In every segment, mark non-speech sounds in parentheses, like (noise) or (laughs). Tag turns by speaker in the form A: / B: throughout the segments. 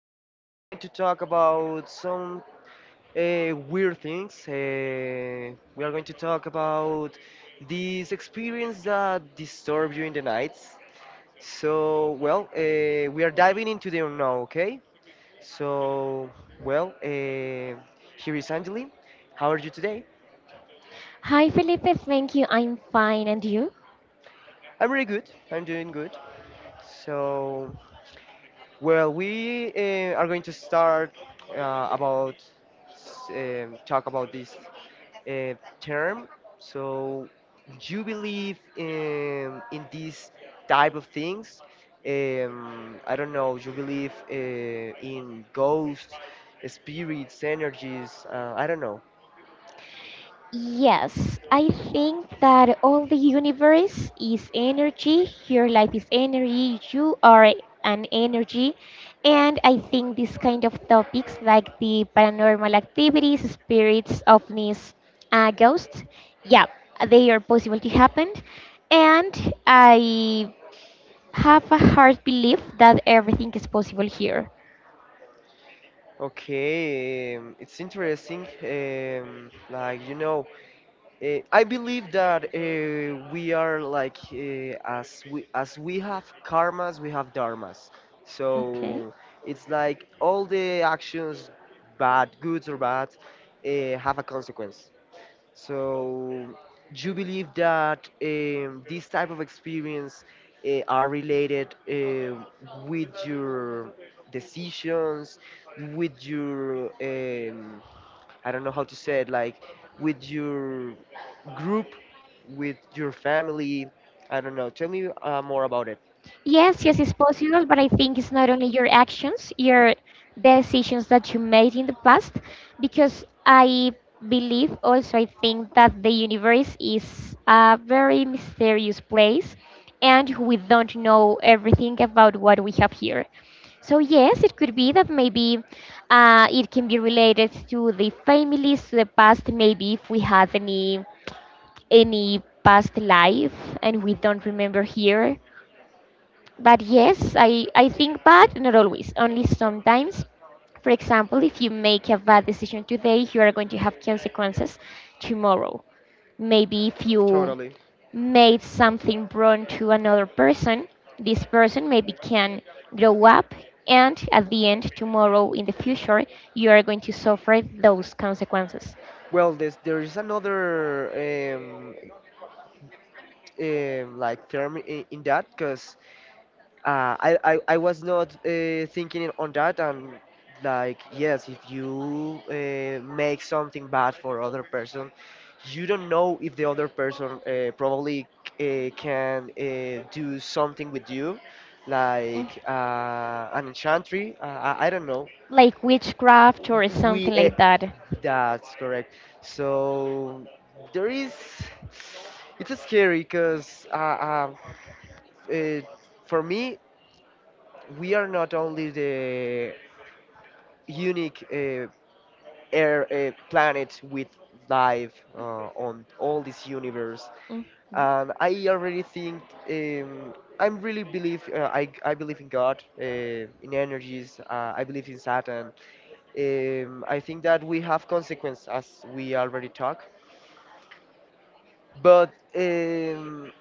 A: are going to talk about some weird things. We are going to talk about these experience that disturb you in the nights. So, well, we are diving into them now, okay? So, well, here is Angeli. How are you today?
B: Hi, Felipe. Thank you. I'm fine. And you?
A: I'm really good. I'm doing good. So, well, we are going to start uh, about talk about this uh, term. So, do you believe in these type of things? I don't know. Do you believe in ghosts, spirits, energies? I don't know.
B: Yes, I think that all the universe is energy. Your life is energy. You are an energy. And I think these kind of topics like the paranormal activities, spirits, ovnis, ghosts, yeah, they are possible to happen. And I have a hard belief that everything is possible here.
A: Okay, it's interesting. Like, I believe that we are like as we have karmas, we have dharmas. So
B: Okay.
A: it's like all the actions, bad, good or bad, have a consequence. So do you believe that this type of experience are related with your decisions, with your I don't know how to say it, like with your group, with your family. I don't know. Tell me more about it.
B: Yes, yes, it's possible, but I think it's not only your actions, your decisions that you made in the past, because I believe also, I think that the universe is a very mysterious place and we don't know everything about what we have here. So, yes, it could be that maybe it can be related to the families, to the past, maybe if we have any past life and we don't remember here. But yes, I think bad, not always, only sometimes. For example, if you make a bad decision today, you are going to have consequences tomorrow. Maybe if you
A: Totally.
B: made something wrong to another person, this person maybe can grow up, and at the end, tomorrow in the future, you are going to suffer those consequences.
A: Well, there is another like term in that because I was not thinking it on that. And, like, yes, if you make something bad for other person, you don't know if the other person probably can do something with you,
B: Mm.
A: like an enchantry, I don't know.
B: Like witchcraft or
A: We
B: something like that.
A: That's correct. So there is, it's scary because uh, for me, we are not only the unique air planet with life on all this universe.
B: Mm.
A: And I already think, um, I'm really believe, I believe in God, in energies. I believe in Saturn. I think that we have consequence as we already talk, but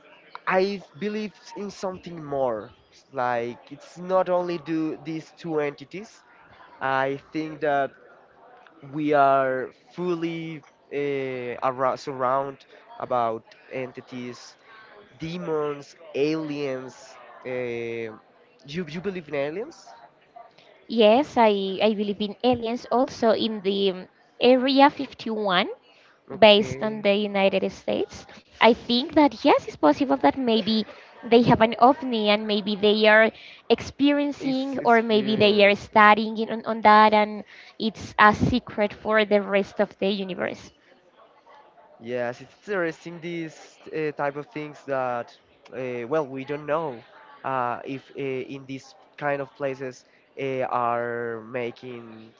A: I believe in something more, like it's not only do these two entities. I think that we are fully around, surround about entities, demons, aliens. Uh, you believe in aliens?
B: Yes, I believe in aliens also in the Area 51 based on
A: Okay.
B: the United States. I think that yes, it's possible that maybe they have an ovni and maybe they are experiencing or maybe they are
A: Experience.
B: studying on that, and it's a secret for the rest of the universe.
A: Yes, it's interesting these type of things that, well, we don't know if in these kind of places are making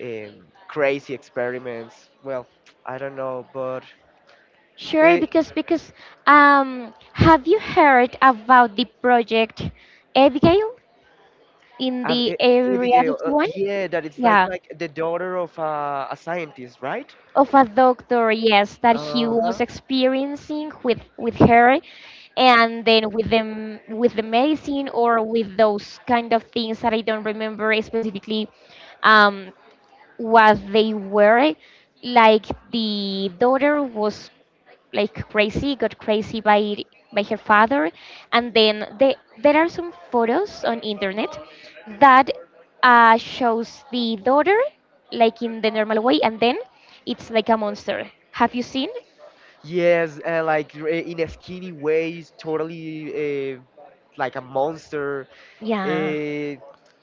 A: crazy experiments. Well, I don't know, but.
B: Sure,
A: uh,
B: because have you heard about the project Abigail in the Area
A: Abigail,
B: 51?
A: yeah, that it's like,
B: Yeah.
A: the daughter of a scientist, right?
B: Of a doctor, yes, that he
A: Uh huh.
B: was experiencing with her, and then with them with the medicine or with those kind of things that I don't remember specifically um, what they were. Like the daughter was like crazy, got crazy by her father, and then there are some photos on internet that shows the daughter like in the normal way and then it's like a monster. Have you seen?
A: Yes, like, in a skinny ways, totally like a monster.
B: Yeah,
A: Uh,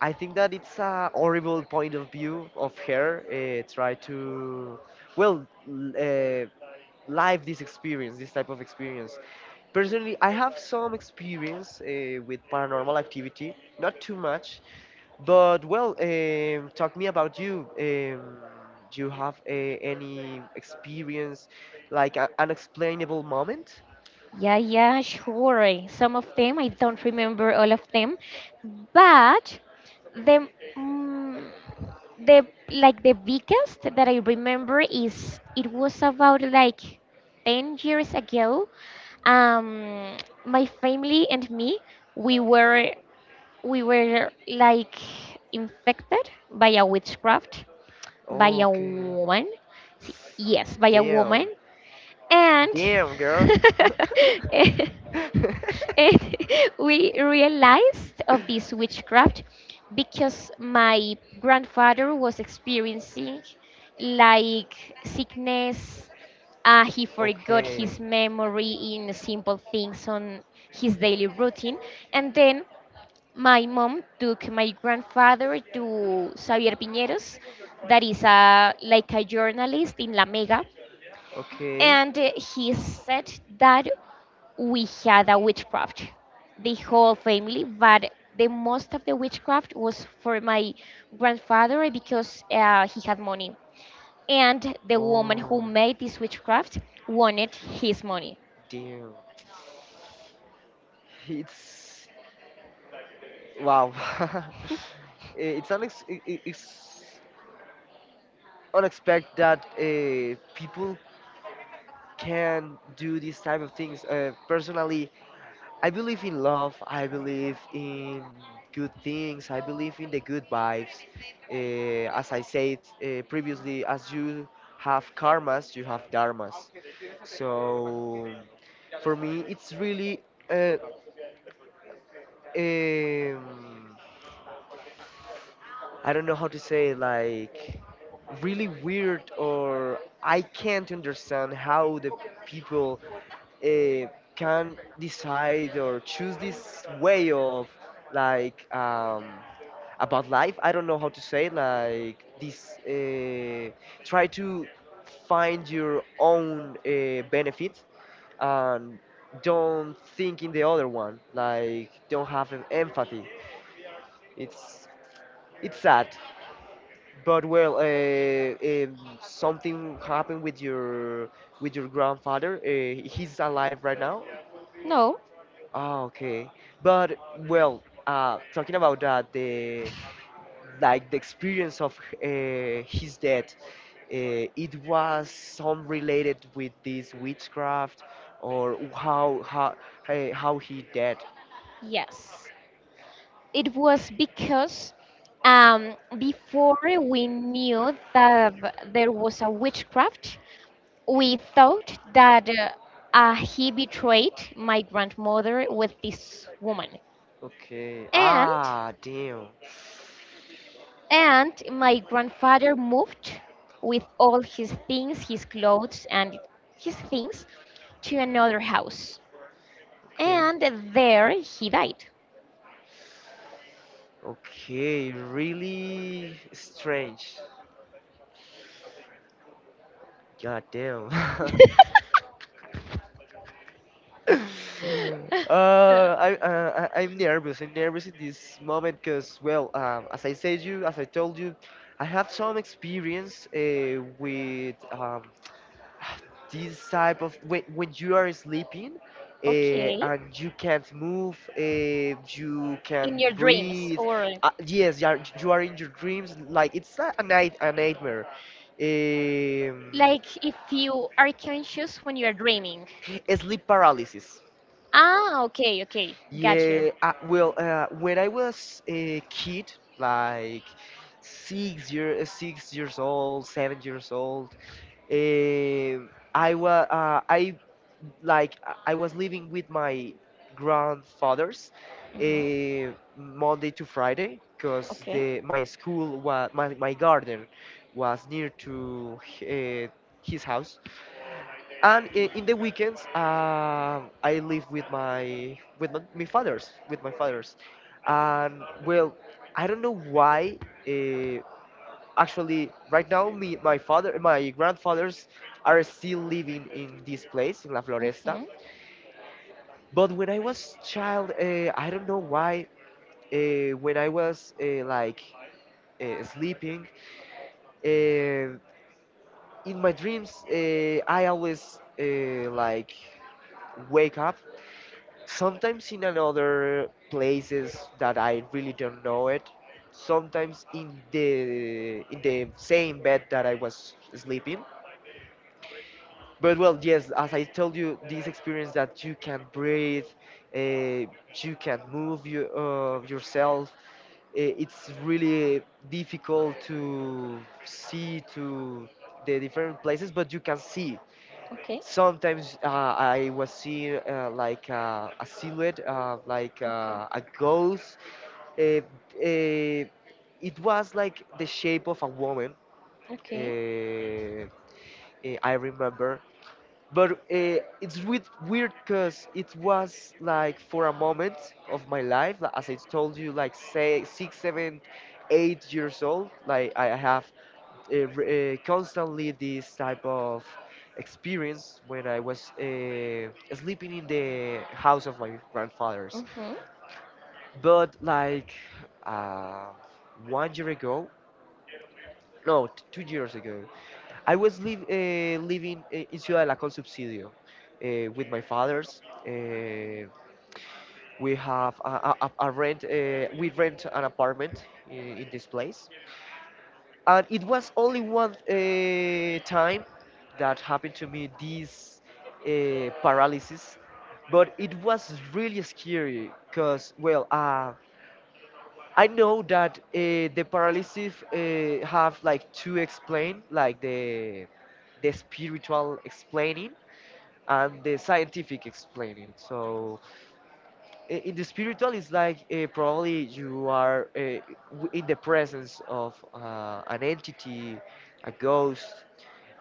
A: I think that it's a horrible point of view of her. Try to, well, live this experience, this type of experience. Personally, I have some experience with paranormal activity, not too much, but well, talk me about you. Do you have any experience, like an unexplainable moment?
B: yeah, yeah, sure, some of them I don't remember all of them. But the mm, the like the biggest that I remember is it was about like 10 years ago. Um my family and me, we were we were like infected by a witchcraft by
A: Oh,
B: a
A: okay,
B: woman. See, yes, by a woman.
A: damn,
B: And
A: damn, girl. (laughs)
B: (laughs) and (laughs) we realized of this witchcraft because my grandfather was experiencing like sickness. He forgot his
A: Okay.
B: memory in simple things on his daily routine. And then my mom took my grandfather to Xavier Piñeros, that is a, like, a journalist in La Mega.
A: Okay.
B: And he said that we had a witchcraft, the whole family, but the most of the witchcraft was for my grandfather because he had money, and the woman
A: Oh,
B: who made this witchcraft wanted his money.
A: damn. It's wow. (laughs) It's unexpected that people can do these type of things. Personally, I believe in love. I believe in good things. I believe in the good vibes. As I said previously, as you have karmas, you have dharmas. So for me, it's really uh, um, I don't know how to say, like, really weird, or I can't understand how the people uh, can decide or choose this way of, like, about life. I don't know how to say like this. Try to find your own benefit, and don't think in the other one. Like, don't have empathy. It's it's sad. But well, if something happened with your grandfather, he's alive right now?
B: No,
A: Ah, okay. But well, talking about that, the experience of his death, it was some related with this witchcraft, or how he died.
B: yes. It was because before we knew that there was a witchcraft, we thought that he betrayed my grandmother with this woman.
A: Okay.
B: And
A: Ah, damn.
B: and my grandfather moved with all his things, his clothes and his things, to another house.
A: Okay.
B: And there he died.
A: Okay, really strange. God damn. (laughs)
B: (laughs)
A: I'm nervous. I'm nervous in this moment because, well, as I said you, as I told you, I have some experience with, (sighs) this type of when you are sleeping,
B: Okay.
A: and you can't move. You
B: In
A: can
B: your dreams?
A: breathe.
B: Or
A: Yes, you are in your dreams, like it's a nightmare. um,
B: like if you are conscious when you are dreaming?
A: Sleep paralysis.
B: Ah, okay, okay, got you.
A: Yeah. Well, when I was a kid, like, 6 years old, 7 years old. Eh, I was I like I was living with my grandfathers,
B: Hmm.
A: eh, Monday to Friday, because
B: Okay.
A: the my school was, my garden was near to his house. And in the weekends, I live with my fathers. And, well, I don't know why. uh, Actually, right now, me, my father, my grandfathers are still living in this place in La Floresta.
B: Hmm.
A: But when I was child, I don't know why. When I was, like, sleeping, uh, in my dreams, I always, like, wake up. Sometimes in another places that I really don't know it. Sometimes in the same bed that I was sleeping. But well, yes, as I told you, this experience that you can breathe, you can move yourself, it's really difficult to see, to the different places, but you can see.
B: Okay.
A: Sometimes I was seeing like a silhouette, like
B: Okay.
A: a ghost. Uh, uh, it was like the shape of a woman.
B: Okay.
A: Uh, I remember, but it's weird because it was like for a moment of my life, like, as I told you, like, say six seven eight years old, like I have constantly this type of experience when I was sleeping in the house of my grandfathers.
B: Hmm.
A: But, like, uh, one year ago, no, 2 years ago, I was living in Ciudad del la Subsidio with my fathers. Uh, we have a rent. We rent an apartment in this place, and it was only one time that happened to me this paralysis, but it was really scary because, well, I know that the paralysis have, like, to explain, like, the spiritual explaining and the scientific explaining. So, in the spiritual, it's like probably you are in the presence of an entity, a ghost,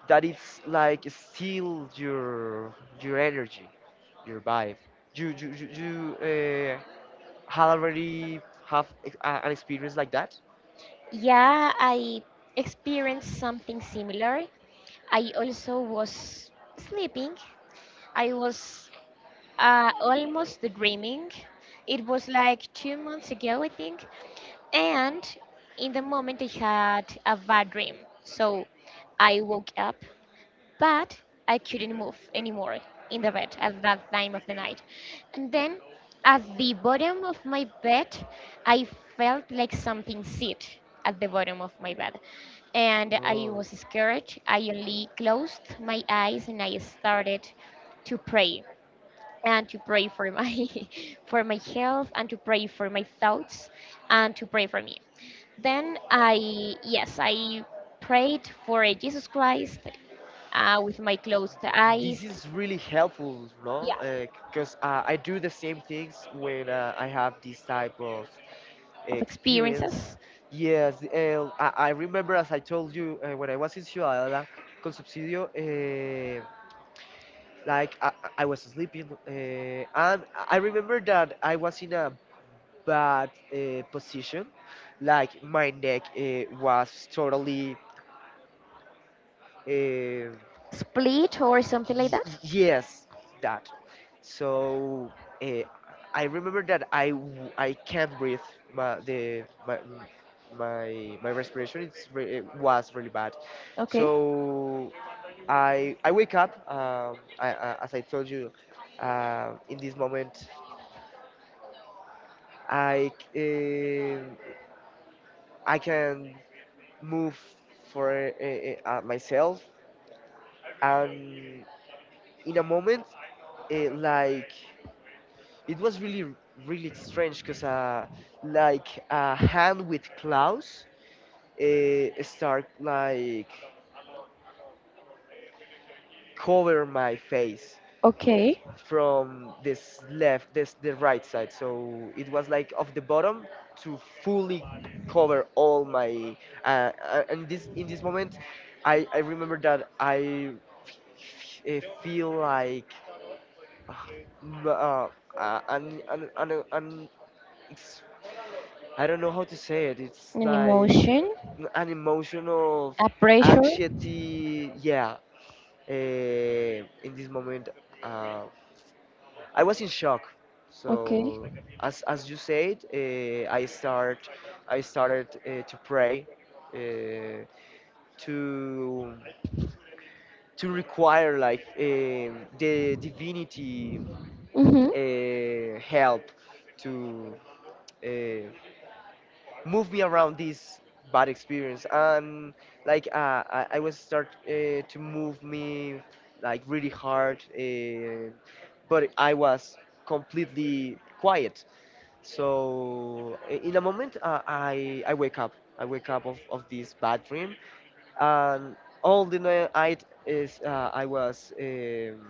A: that it's like steal your energy, your vibe. You uh, had already have an experience like that?
B: Yeah, I experienced something similar. I also was sleeping. I was almost dreaming. It was like 2 months ago, I think. And in the moment, I had a bad dream. So I woke up, but I couldn't move anymore in the bed at that time of the night. And then at the bottom of my bed, I felt like something sit at the bottom of my bed. And I
A: Oh.
B: was scared. I only closed my eyes and I started to pray and to pray for my (laughs) for my health and to pray for my thoughts and to pray for me. Then I yes, I prayed for Jesus Christ with my closed
A: This
B: eyes.
A: is really helpful, no?
B: Yeah,
A: Yeah. Because I do the same things when I have this type of
B: of
A: experience.
B: experiences.
A: Yes, I remember, as I told you, when I was in Ciudadela, Concepcidio. Like I was sleeping, and I remember that I was in a bad position. Like my neck was totally, uh, y-
B: Split or something like that.
A: yes, that. So uh, I remember that I can't breathe. My the my my my respiration, it was really bad.
B: Okay,
A: So I wake up. As I told you, in this moment, I c- um I can move for, myself, and in a moment, like, it was really strange, because like a hand with claws start like cover my face
B: Okay,
A: from this left, this the right side. So it was like of the bottom to fully cover all my. And this in this moment, I remember that feel like, uh, m- uh, uh, an an an, an it's, I don't know how to say it. It's
B: an
A: like
B: emotion,
A: an emotion of
B: a pressure.
A: anxiety. Yeah. In this moment. uh. I was in shock.
B: Okay.
A: So, as you said, I started to pray, uh, to require like, the divinity,
B: Mm-hmm.
A: help, to uh, move me around this bad experience. And, like, I was start to move me like really hard, but I was completely quiet. So, in a moment, I wake up. I wake up of this bad dream, and all the night is, I was,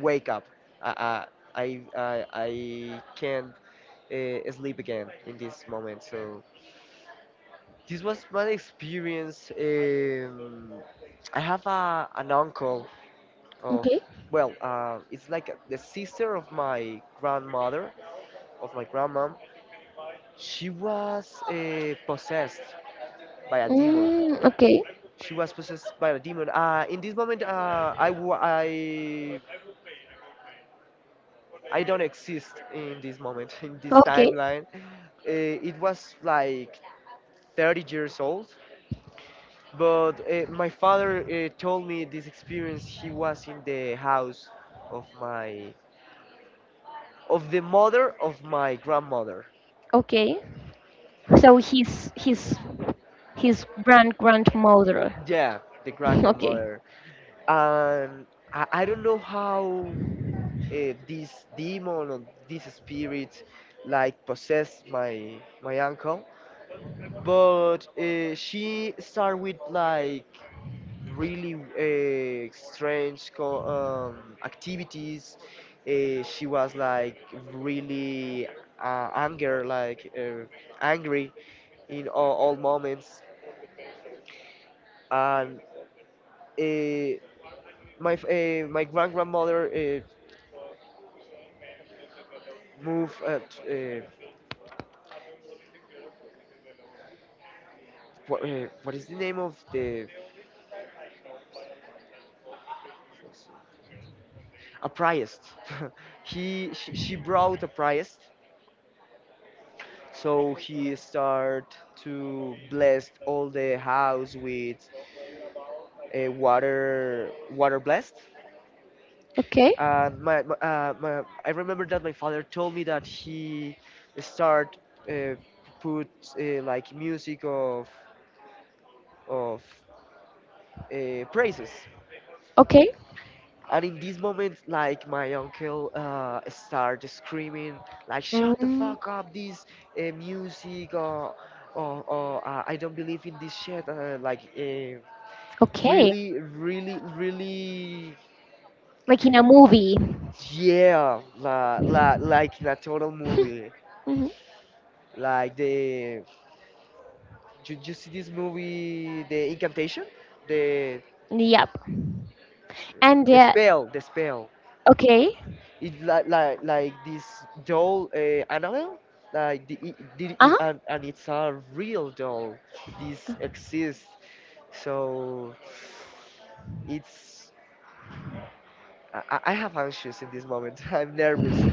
A: wake up. I I can't sleep again in this moment. So this was my experience. I have an uncle of,
B: Okay.
A: well, it's like the sister of my grandmother, of my grandma. She was possessed by a demon.
B: Mm, okay.
A: She was possessed by a demon. In this moment, I don't exist in this moment, (laughs) in this
B: Okay.
A: timeline. It was like 30 years old. But my father told me this experience. He was in the house of my, of the mother of my grandmother.
B: Okay. So his grand grandmother.
A: Yeah, the
B: (laughs)
A: grand
B: Okay.
A: grandmother. And I don't know how this demon or this spirit like possessed my uncle but she started with like really strange activities. She was like really anger angry in all moments. And uh, my grand grandmother moved what is the name of the a priest. (laughs) She brought a priest, so he started to bless all the house with a water blessed.
B: Okay.
A: And my I remember that my father told me that he start uh, put like music of of praises.
B: Okay.
A: And in this moment, like my uncle started screaming, like "Shut the
B: Mm,
A: fuck up! This music, or I don't believe in this shit."
B: okay,
A: Really, really, really,
B: like in a movie.
A: yeah, like in a total movie,
B: Mhm.
A: like the you, you see this movie, the incantation, the
B: Yep. (laughs) And
A: the spell.
B: okay.
A: It's like this doll, Annabelle. Like
B: Uh huh.
A: and it's a real doll. This exists. So it's I have anxious in this moment. (laughs) I'm nervous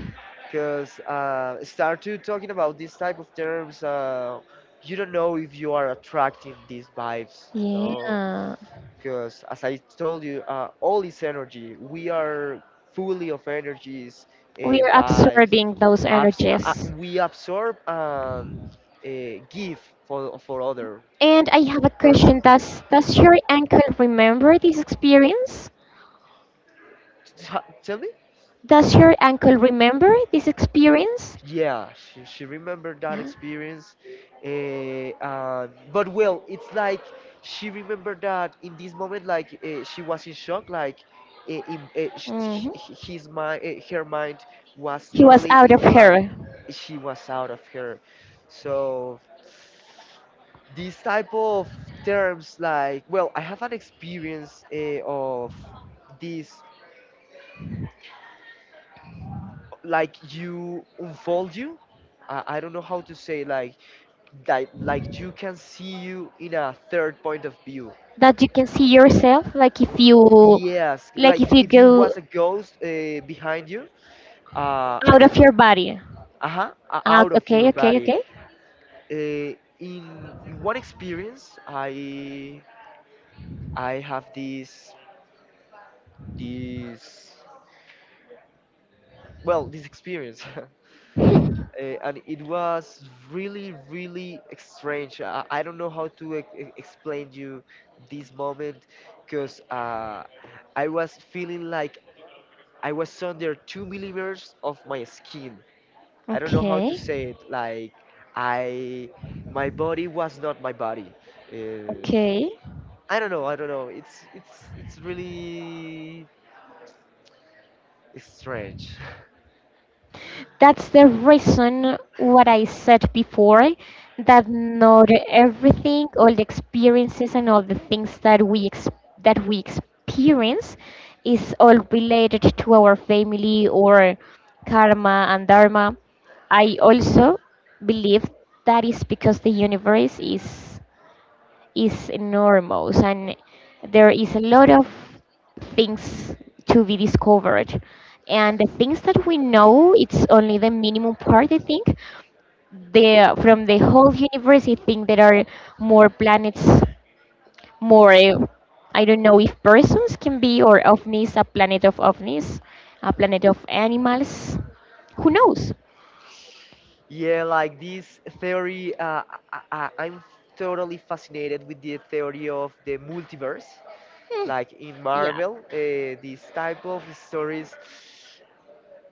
A: because start to talking about this type of terms. You don't know if you are attracting these vibes, no?
B: Yeah.
A: Because as I told you, all is energy. We are fully of energies, uh,
B: We are
A: vibes,
B: absorbing those energies.
A: we absorb and give for other
B: And I have a
A: person.
B: question. Does your uncle remember this experience?
A: Tell me?
B: Does your uncle remember this experience?
A: Yeah, she remembered that
B: Yeah.
A: experience. Eh, and But well, it's like she remembered that in this moment, like she was in shock, like eh, in, eh, sh h-
B: Hmm.
A: h- his her mind was
B: He was
A: totally
B: out of
A: in blank.
B: her.
A: She was out of her. So these type of terms like well I have an experience of this like you unfold you I don't know how to say like that like you can see you in a third point of view.
B: That you can see yourself like if you
A: Yes,
B: like if you
A: like you
B: go
A: was a ghost behind you and
B: out of your body.
A: uh-huh
B: Ah,
A: out of your
B: okay, okay,
A: body.
B: okay,
A: In one experience I have this, well, this experience. (laughs) And it was really really strange. I don't know how to explain you this moment because I was feeling like I was under two millimeters of my skin. I don't know how to say
B: okay,
A: it. Like I my body was not my body. uh,
B: okay.
A: I don't know, it's it's really strange. (laughs)
B: That's the reason what I said before, that not everything, all the experiences and all the things that we that we experience is all related to our family or karma and dharma. I also believe that is because the universe is enormous, and there is a lot of things to be discovered, and the things that we know, it's only the minimum part, I think. The from the whole universe, I think there are more planets, more, I don't know if persons can be, or ovnis, a planet of ovnis, a planet of animals. Who knows.
A: Yeah, like this theory, I'm totally fascinated with the theory of the multiverse.
B: Hmm,
A: Like in
B: yeah,
A: Marvel, this type of stories.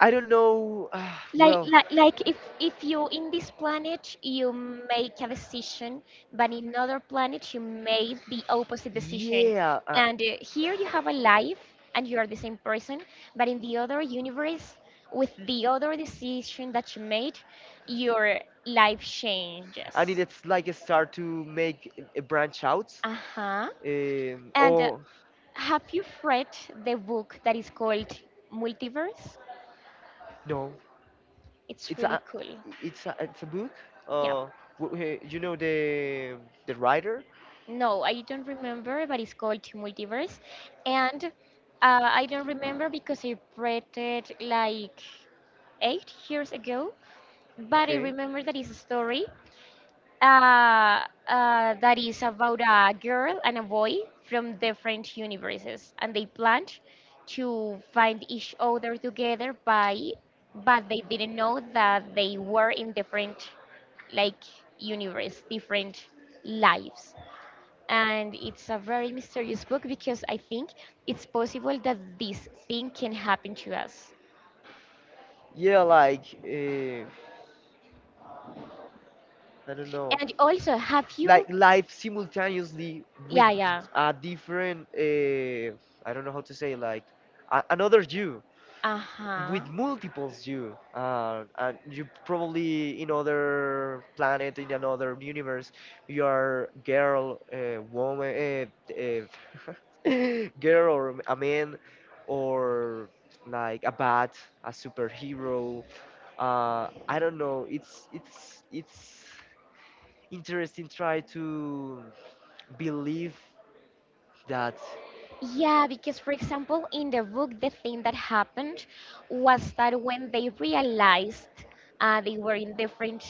A: I don't know.
B: like
A: Well,
B: like like if you in this planet you make a decision, but in other planet you made the opposite decision,
A: yeah,
B: and here you have a life and you are the same person, but in the other universe, with the other decision that you made, your life
A: and
B: changes.
A: it's like a start to make a branch out.
B: Uh-huh.
A: Um,
B: And
A: or
B: have you read the book that is called Multiverse?
A: no,
B: It's
A: it's
B: really
A: a
B: cool.
A: it's a book.
B: Yeah.
A: Uh, you know the writer.
B: No, I don't remember, but it's called Multiverse. And I don't remember because I read it like 8 years ago. But I
A: Okay.
B: remember that it's a story uh, that is about a girl and a boy from different universes. And they planned to find each other together, but they didn't know that they were in different, like, universe, different lives, and it's a very mysterious book because I think it's possible that this thing can happen to us.
A: Yeah, like I don't know,
B: And also, have you?
A: like life simultaneously with
B: Yeah, yeah.
A: a different. I don't know how to say, like, a, another you.
B: Uh huh.
A: With multiples you and you probably in other planet in another universe you are girl woman, (laughs) girl or a man or like a bat, a superhero. I don't know, it's it's interesting try to believe that.
B: Yeah, because for example, in the book, the thing that happened was that when they realized they were in different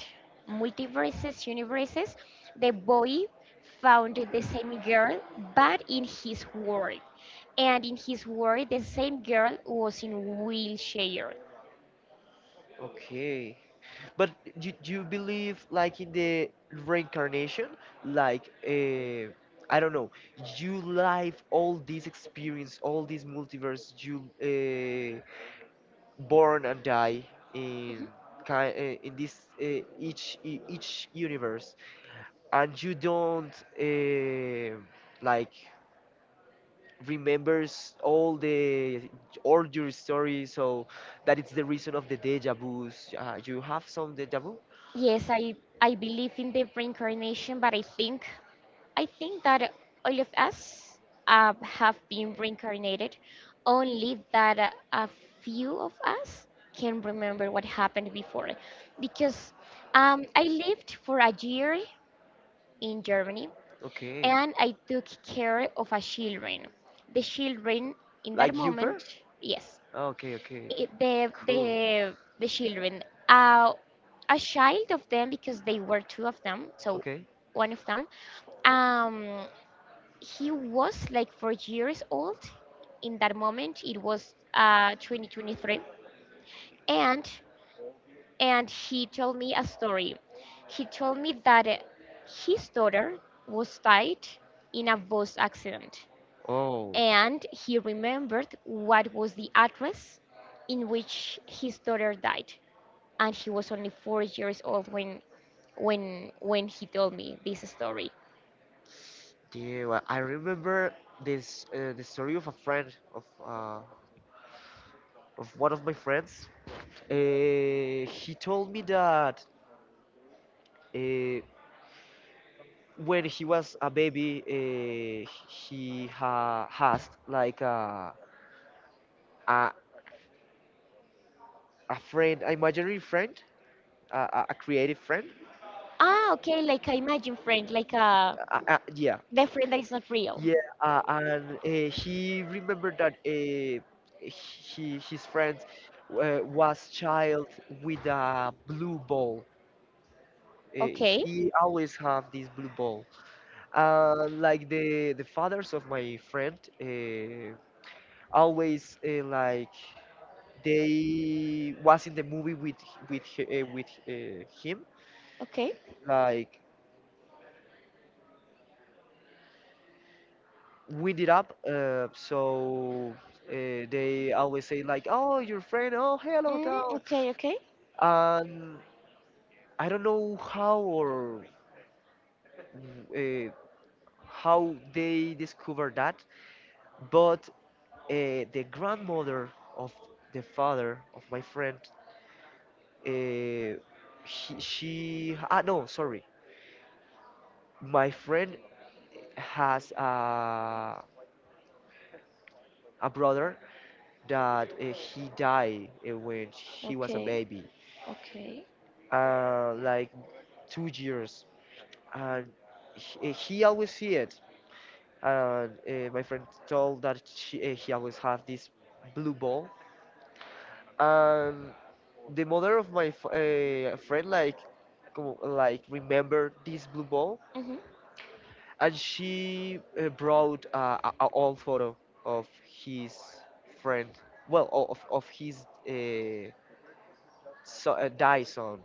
B: multiverses, universes, the boy found the same girl, but in his world. And in his world, the same girl was in wheelchair.
A: Okay. But do you believe like in the reincarnation? Like I don't know, you live all this experience, all this multiverse, you born and die in in this each each universe, and you don't like remembers all the all your stories, so that it's the reason of the deja vus. You have some deja vu?
B: Yes, I believe in the reincarnation, but I think that all of us have been reincarnated, only that a few of us can remember what happened before, because I lived for a year in Germany
A: Okay.
B: and I took care of a children. The children in that
A: Like
B: moment,
A: Uber?
B: yes,
A: Oh, okay, okay.
B: the
A: Cool.
B: the the children, uh a child of them, because they were two of them, so
A: Okay.
B: one of them, um he was like 4 years old. In that moment it was 2023. And and he told me a story. He told me that his daughter was died in a bus accident,
A: Oh,
B: and he remembered what was the address in which his daughter died, and he was only 4 years old when he told me this story.
A: yeah. Well, I remember this the story of a friend of one of my friends. He told me that uh, when he was a baby, he ha has like a, a a friend, an imaginary friend, a creative friend.
B: Ah, okay, like a imagine friend, like a
A: Yeah.
B: the friend that is not real.
A: Yeah, and he remembered that his friend was child with a blue ball.
B: Okay,
A: He always have this blue ball. Like the fathers of my friend always like they was in the movie with him,
B: okay,
A: like wind it up. So they always say, like, "Oh, your friend, oh, hello,
B: mm,
A: Tom."
B: okay, okay,
A: And I don't know how or uh, how they discovered that, but the grandmother of the father of my friend, uh, he, she ah, no, sorry, my friend has a brother that he died when he was a
B: okay,
A: baby,
B: okay,
A: like 2 years, and he always see it. And my friend told that he always have this blue ball. And the mother of my friend like like remembered this blue ball,
B: mm-hmm.
A: and she brought a old photo of his friend, well, of his Dyson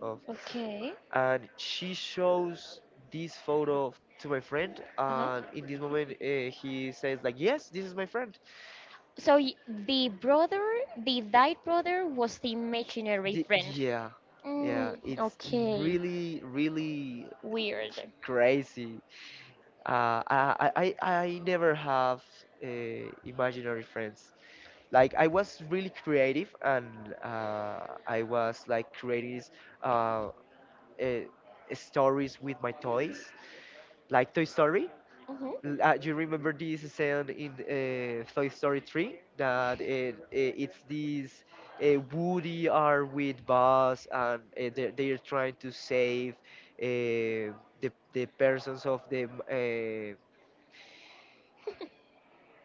A: of.
B: Okay,
A: And she shows this photo to my friend,
B: uh huh.
A: and in this moment he says, like, "Yes, this is my friend."
B: So the brother, the died brother, was the imaginary
A: D,
B: friend.
A: yeah,
B: Mm,
A: yeah, it's
B: okay,
A: really
B: weird.
A: crazy. Uh, I, I, I I never have imaginary friends. Like I was really creative, and I was like creating uh, uh, stories with my toys, like Toy Story.
B: Mm-hmm.
A: You remember this scene in Toy Story 3 that it's these Woody are with Buzz and they're trying to save uh, the persons of the. Uh,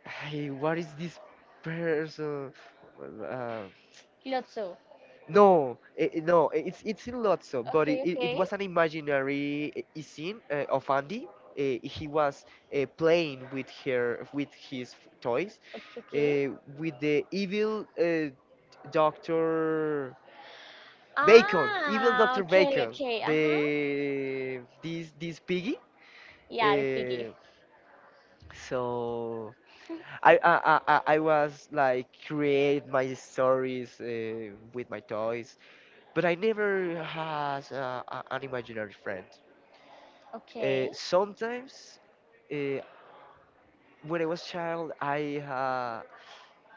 A: Hey, what is this person? Well, Uh,
B: Lots of.
A: no, no, it's in Lotso, but
B: Okay,
A: it
B: okay,
A: was an imaginary scene of Andy. He was playing with her with his toys
B: okay, okay.
A: uh, with the evil Doctor Bacon, evil
B: Ah,
A: Doctor
B: okay,
A: Bacon,
B: okay. Uh huh.
A: the this this piggy.
B: Yeah, the piggy.
A: Uh, so
B: (laughs)
A: I was like create my stories with my toys, but I never had an imaginary friend.
B: Okay.
A: Sometimes uh, when I was child, I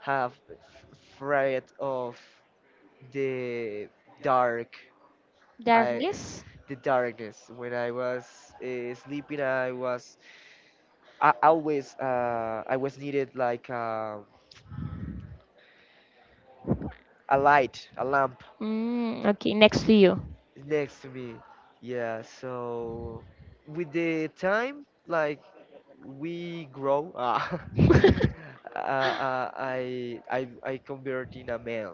A: have afraid of the dark. I
B: Darkness.
A: the darkness when I was sleeping. I was I always I was needed like a light, a lamp
B: Mm, okay, next to you.
A: next to me. Yeah. So with the time, like we grow.
B: (laughs)
A: (laughs) I I convert in a man.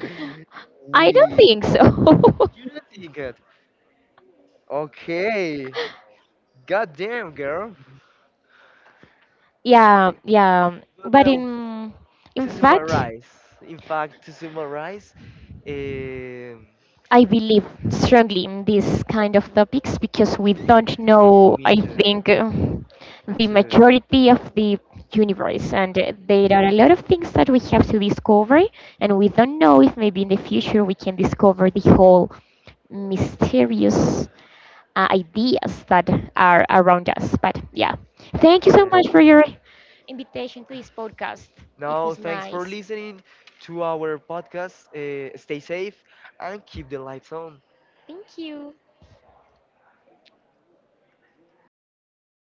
A: (laughs)
B: I don't
A: We
B: think so. (laughs)
A: you don't think it. Okay. Goddamn, girl.
B: Yeah, yeah. But
A: Well,
B: in
A: to
B: fact,
A: summarize, in fact, to summarize, um,
B: I believe strongly in these kind of topics because we don't know, I
A: to,
B: think, the majority of the universe, and there are a lot of things that we have to discover, and we don't know if maybe in the future we can discover the whole mysterious ideas that are around us. But yeah, thank you so much for your invitation to this podcast. It
A: no,
B: was
A: thanks for
B: nice.
A: listening to our podcast. Stay safe and keep the lights on.
B: Thank you.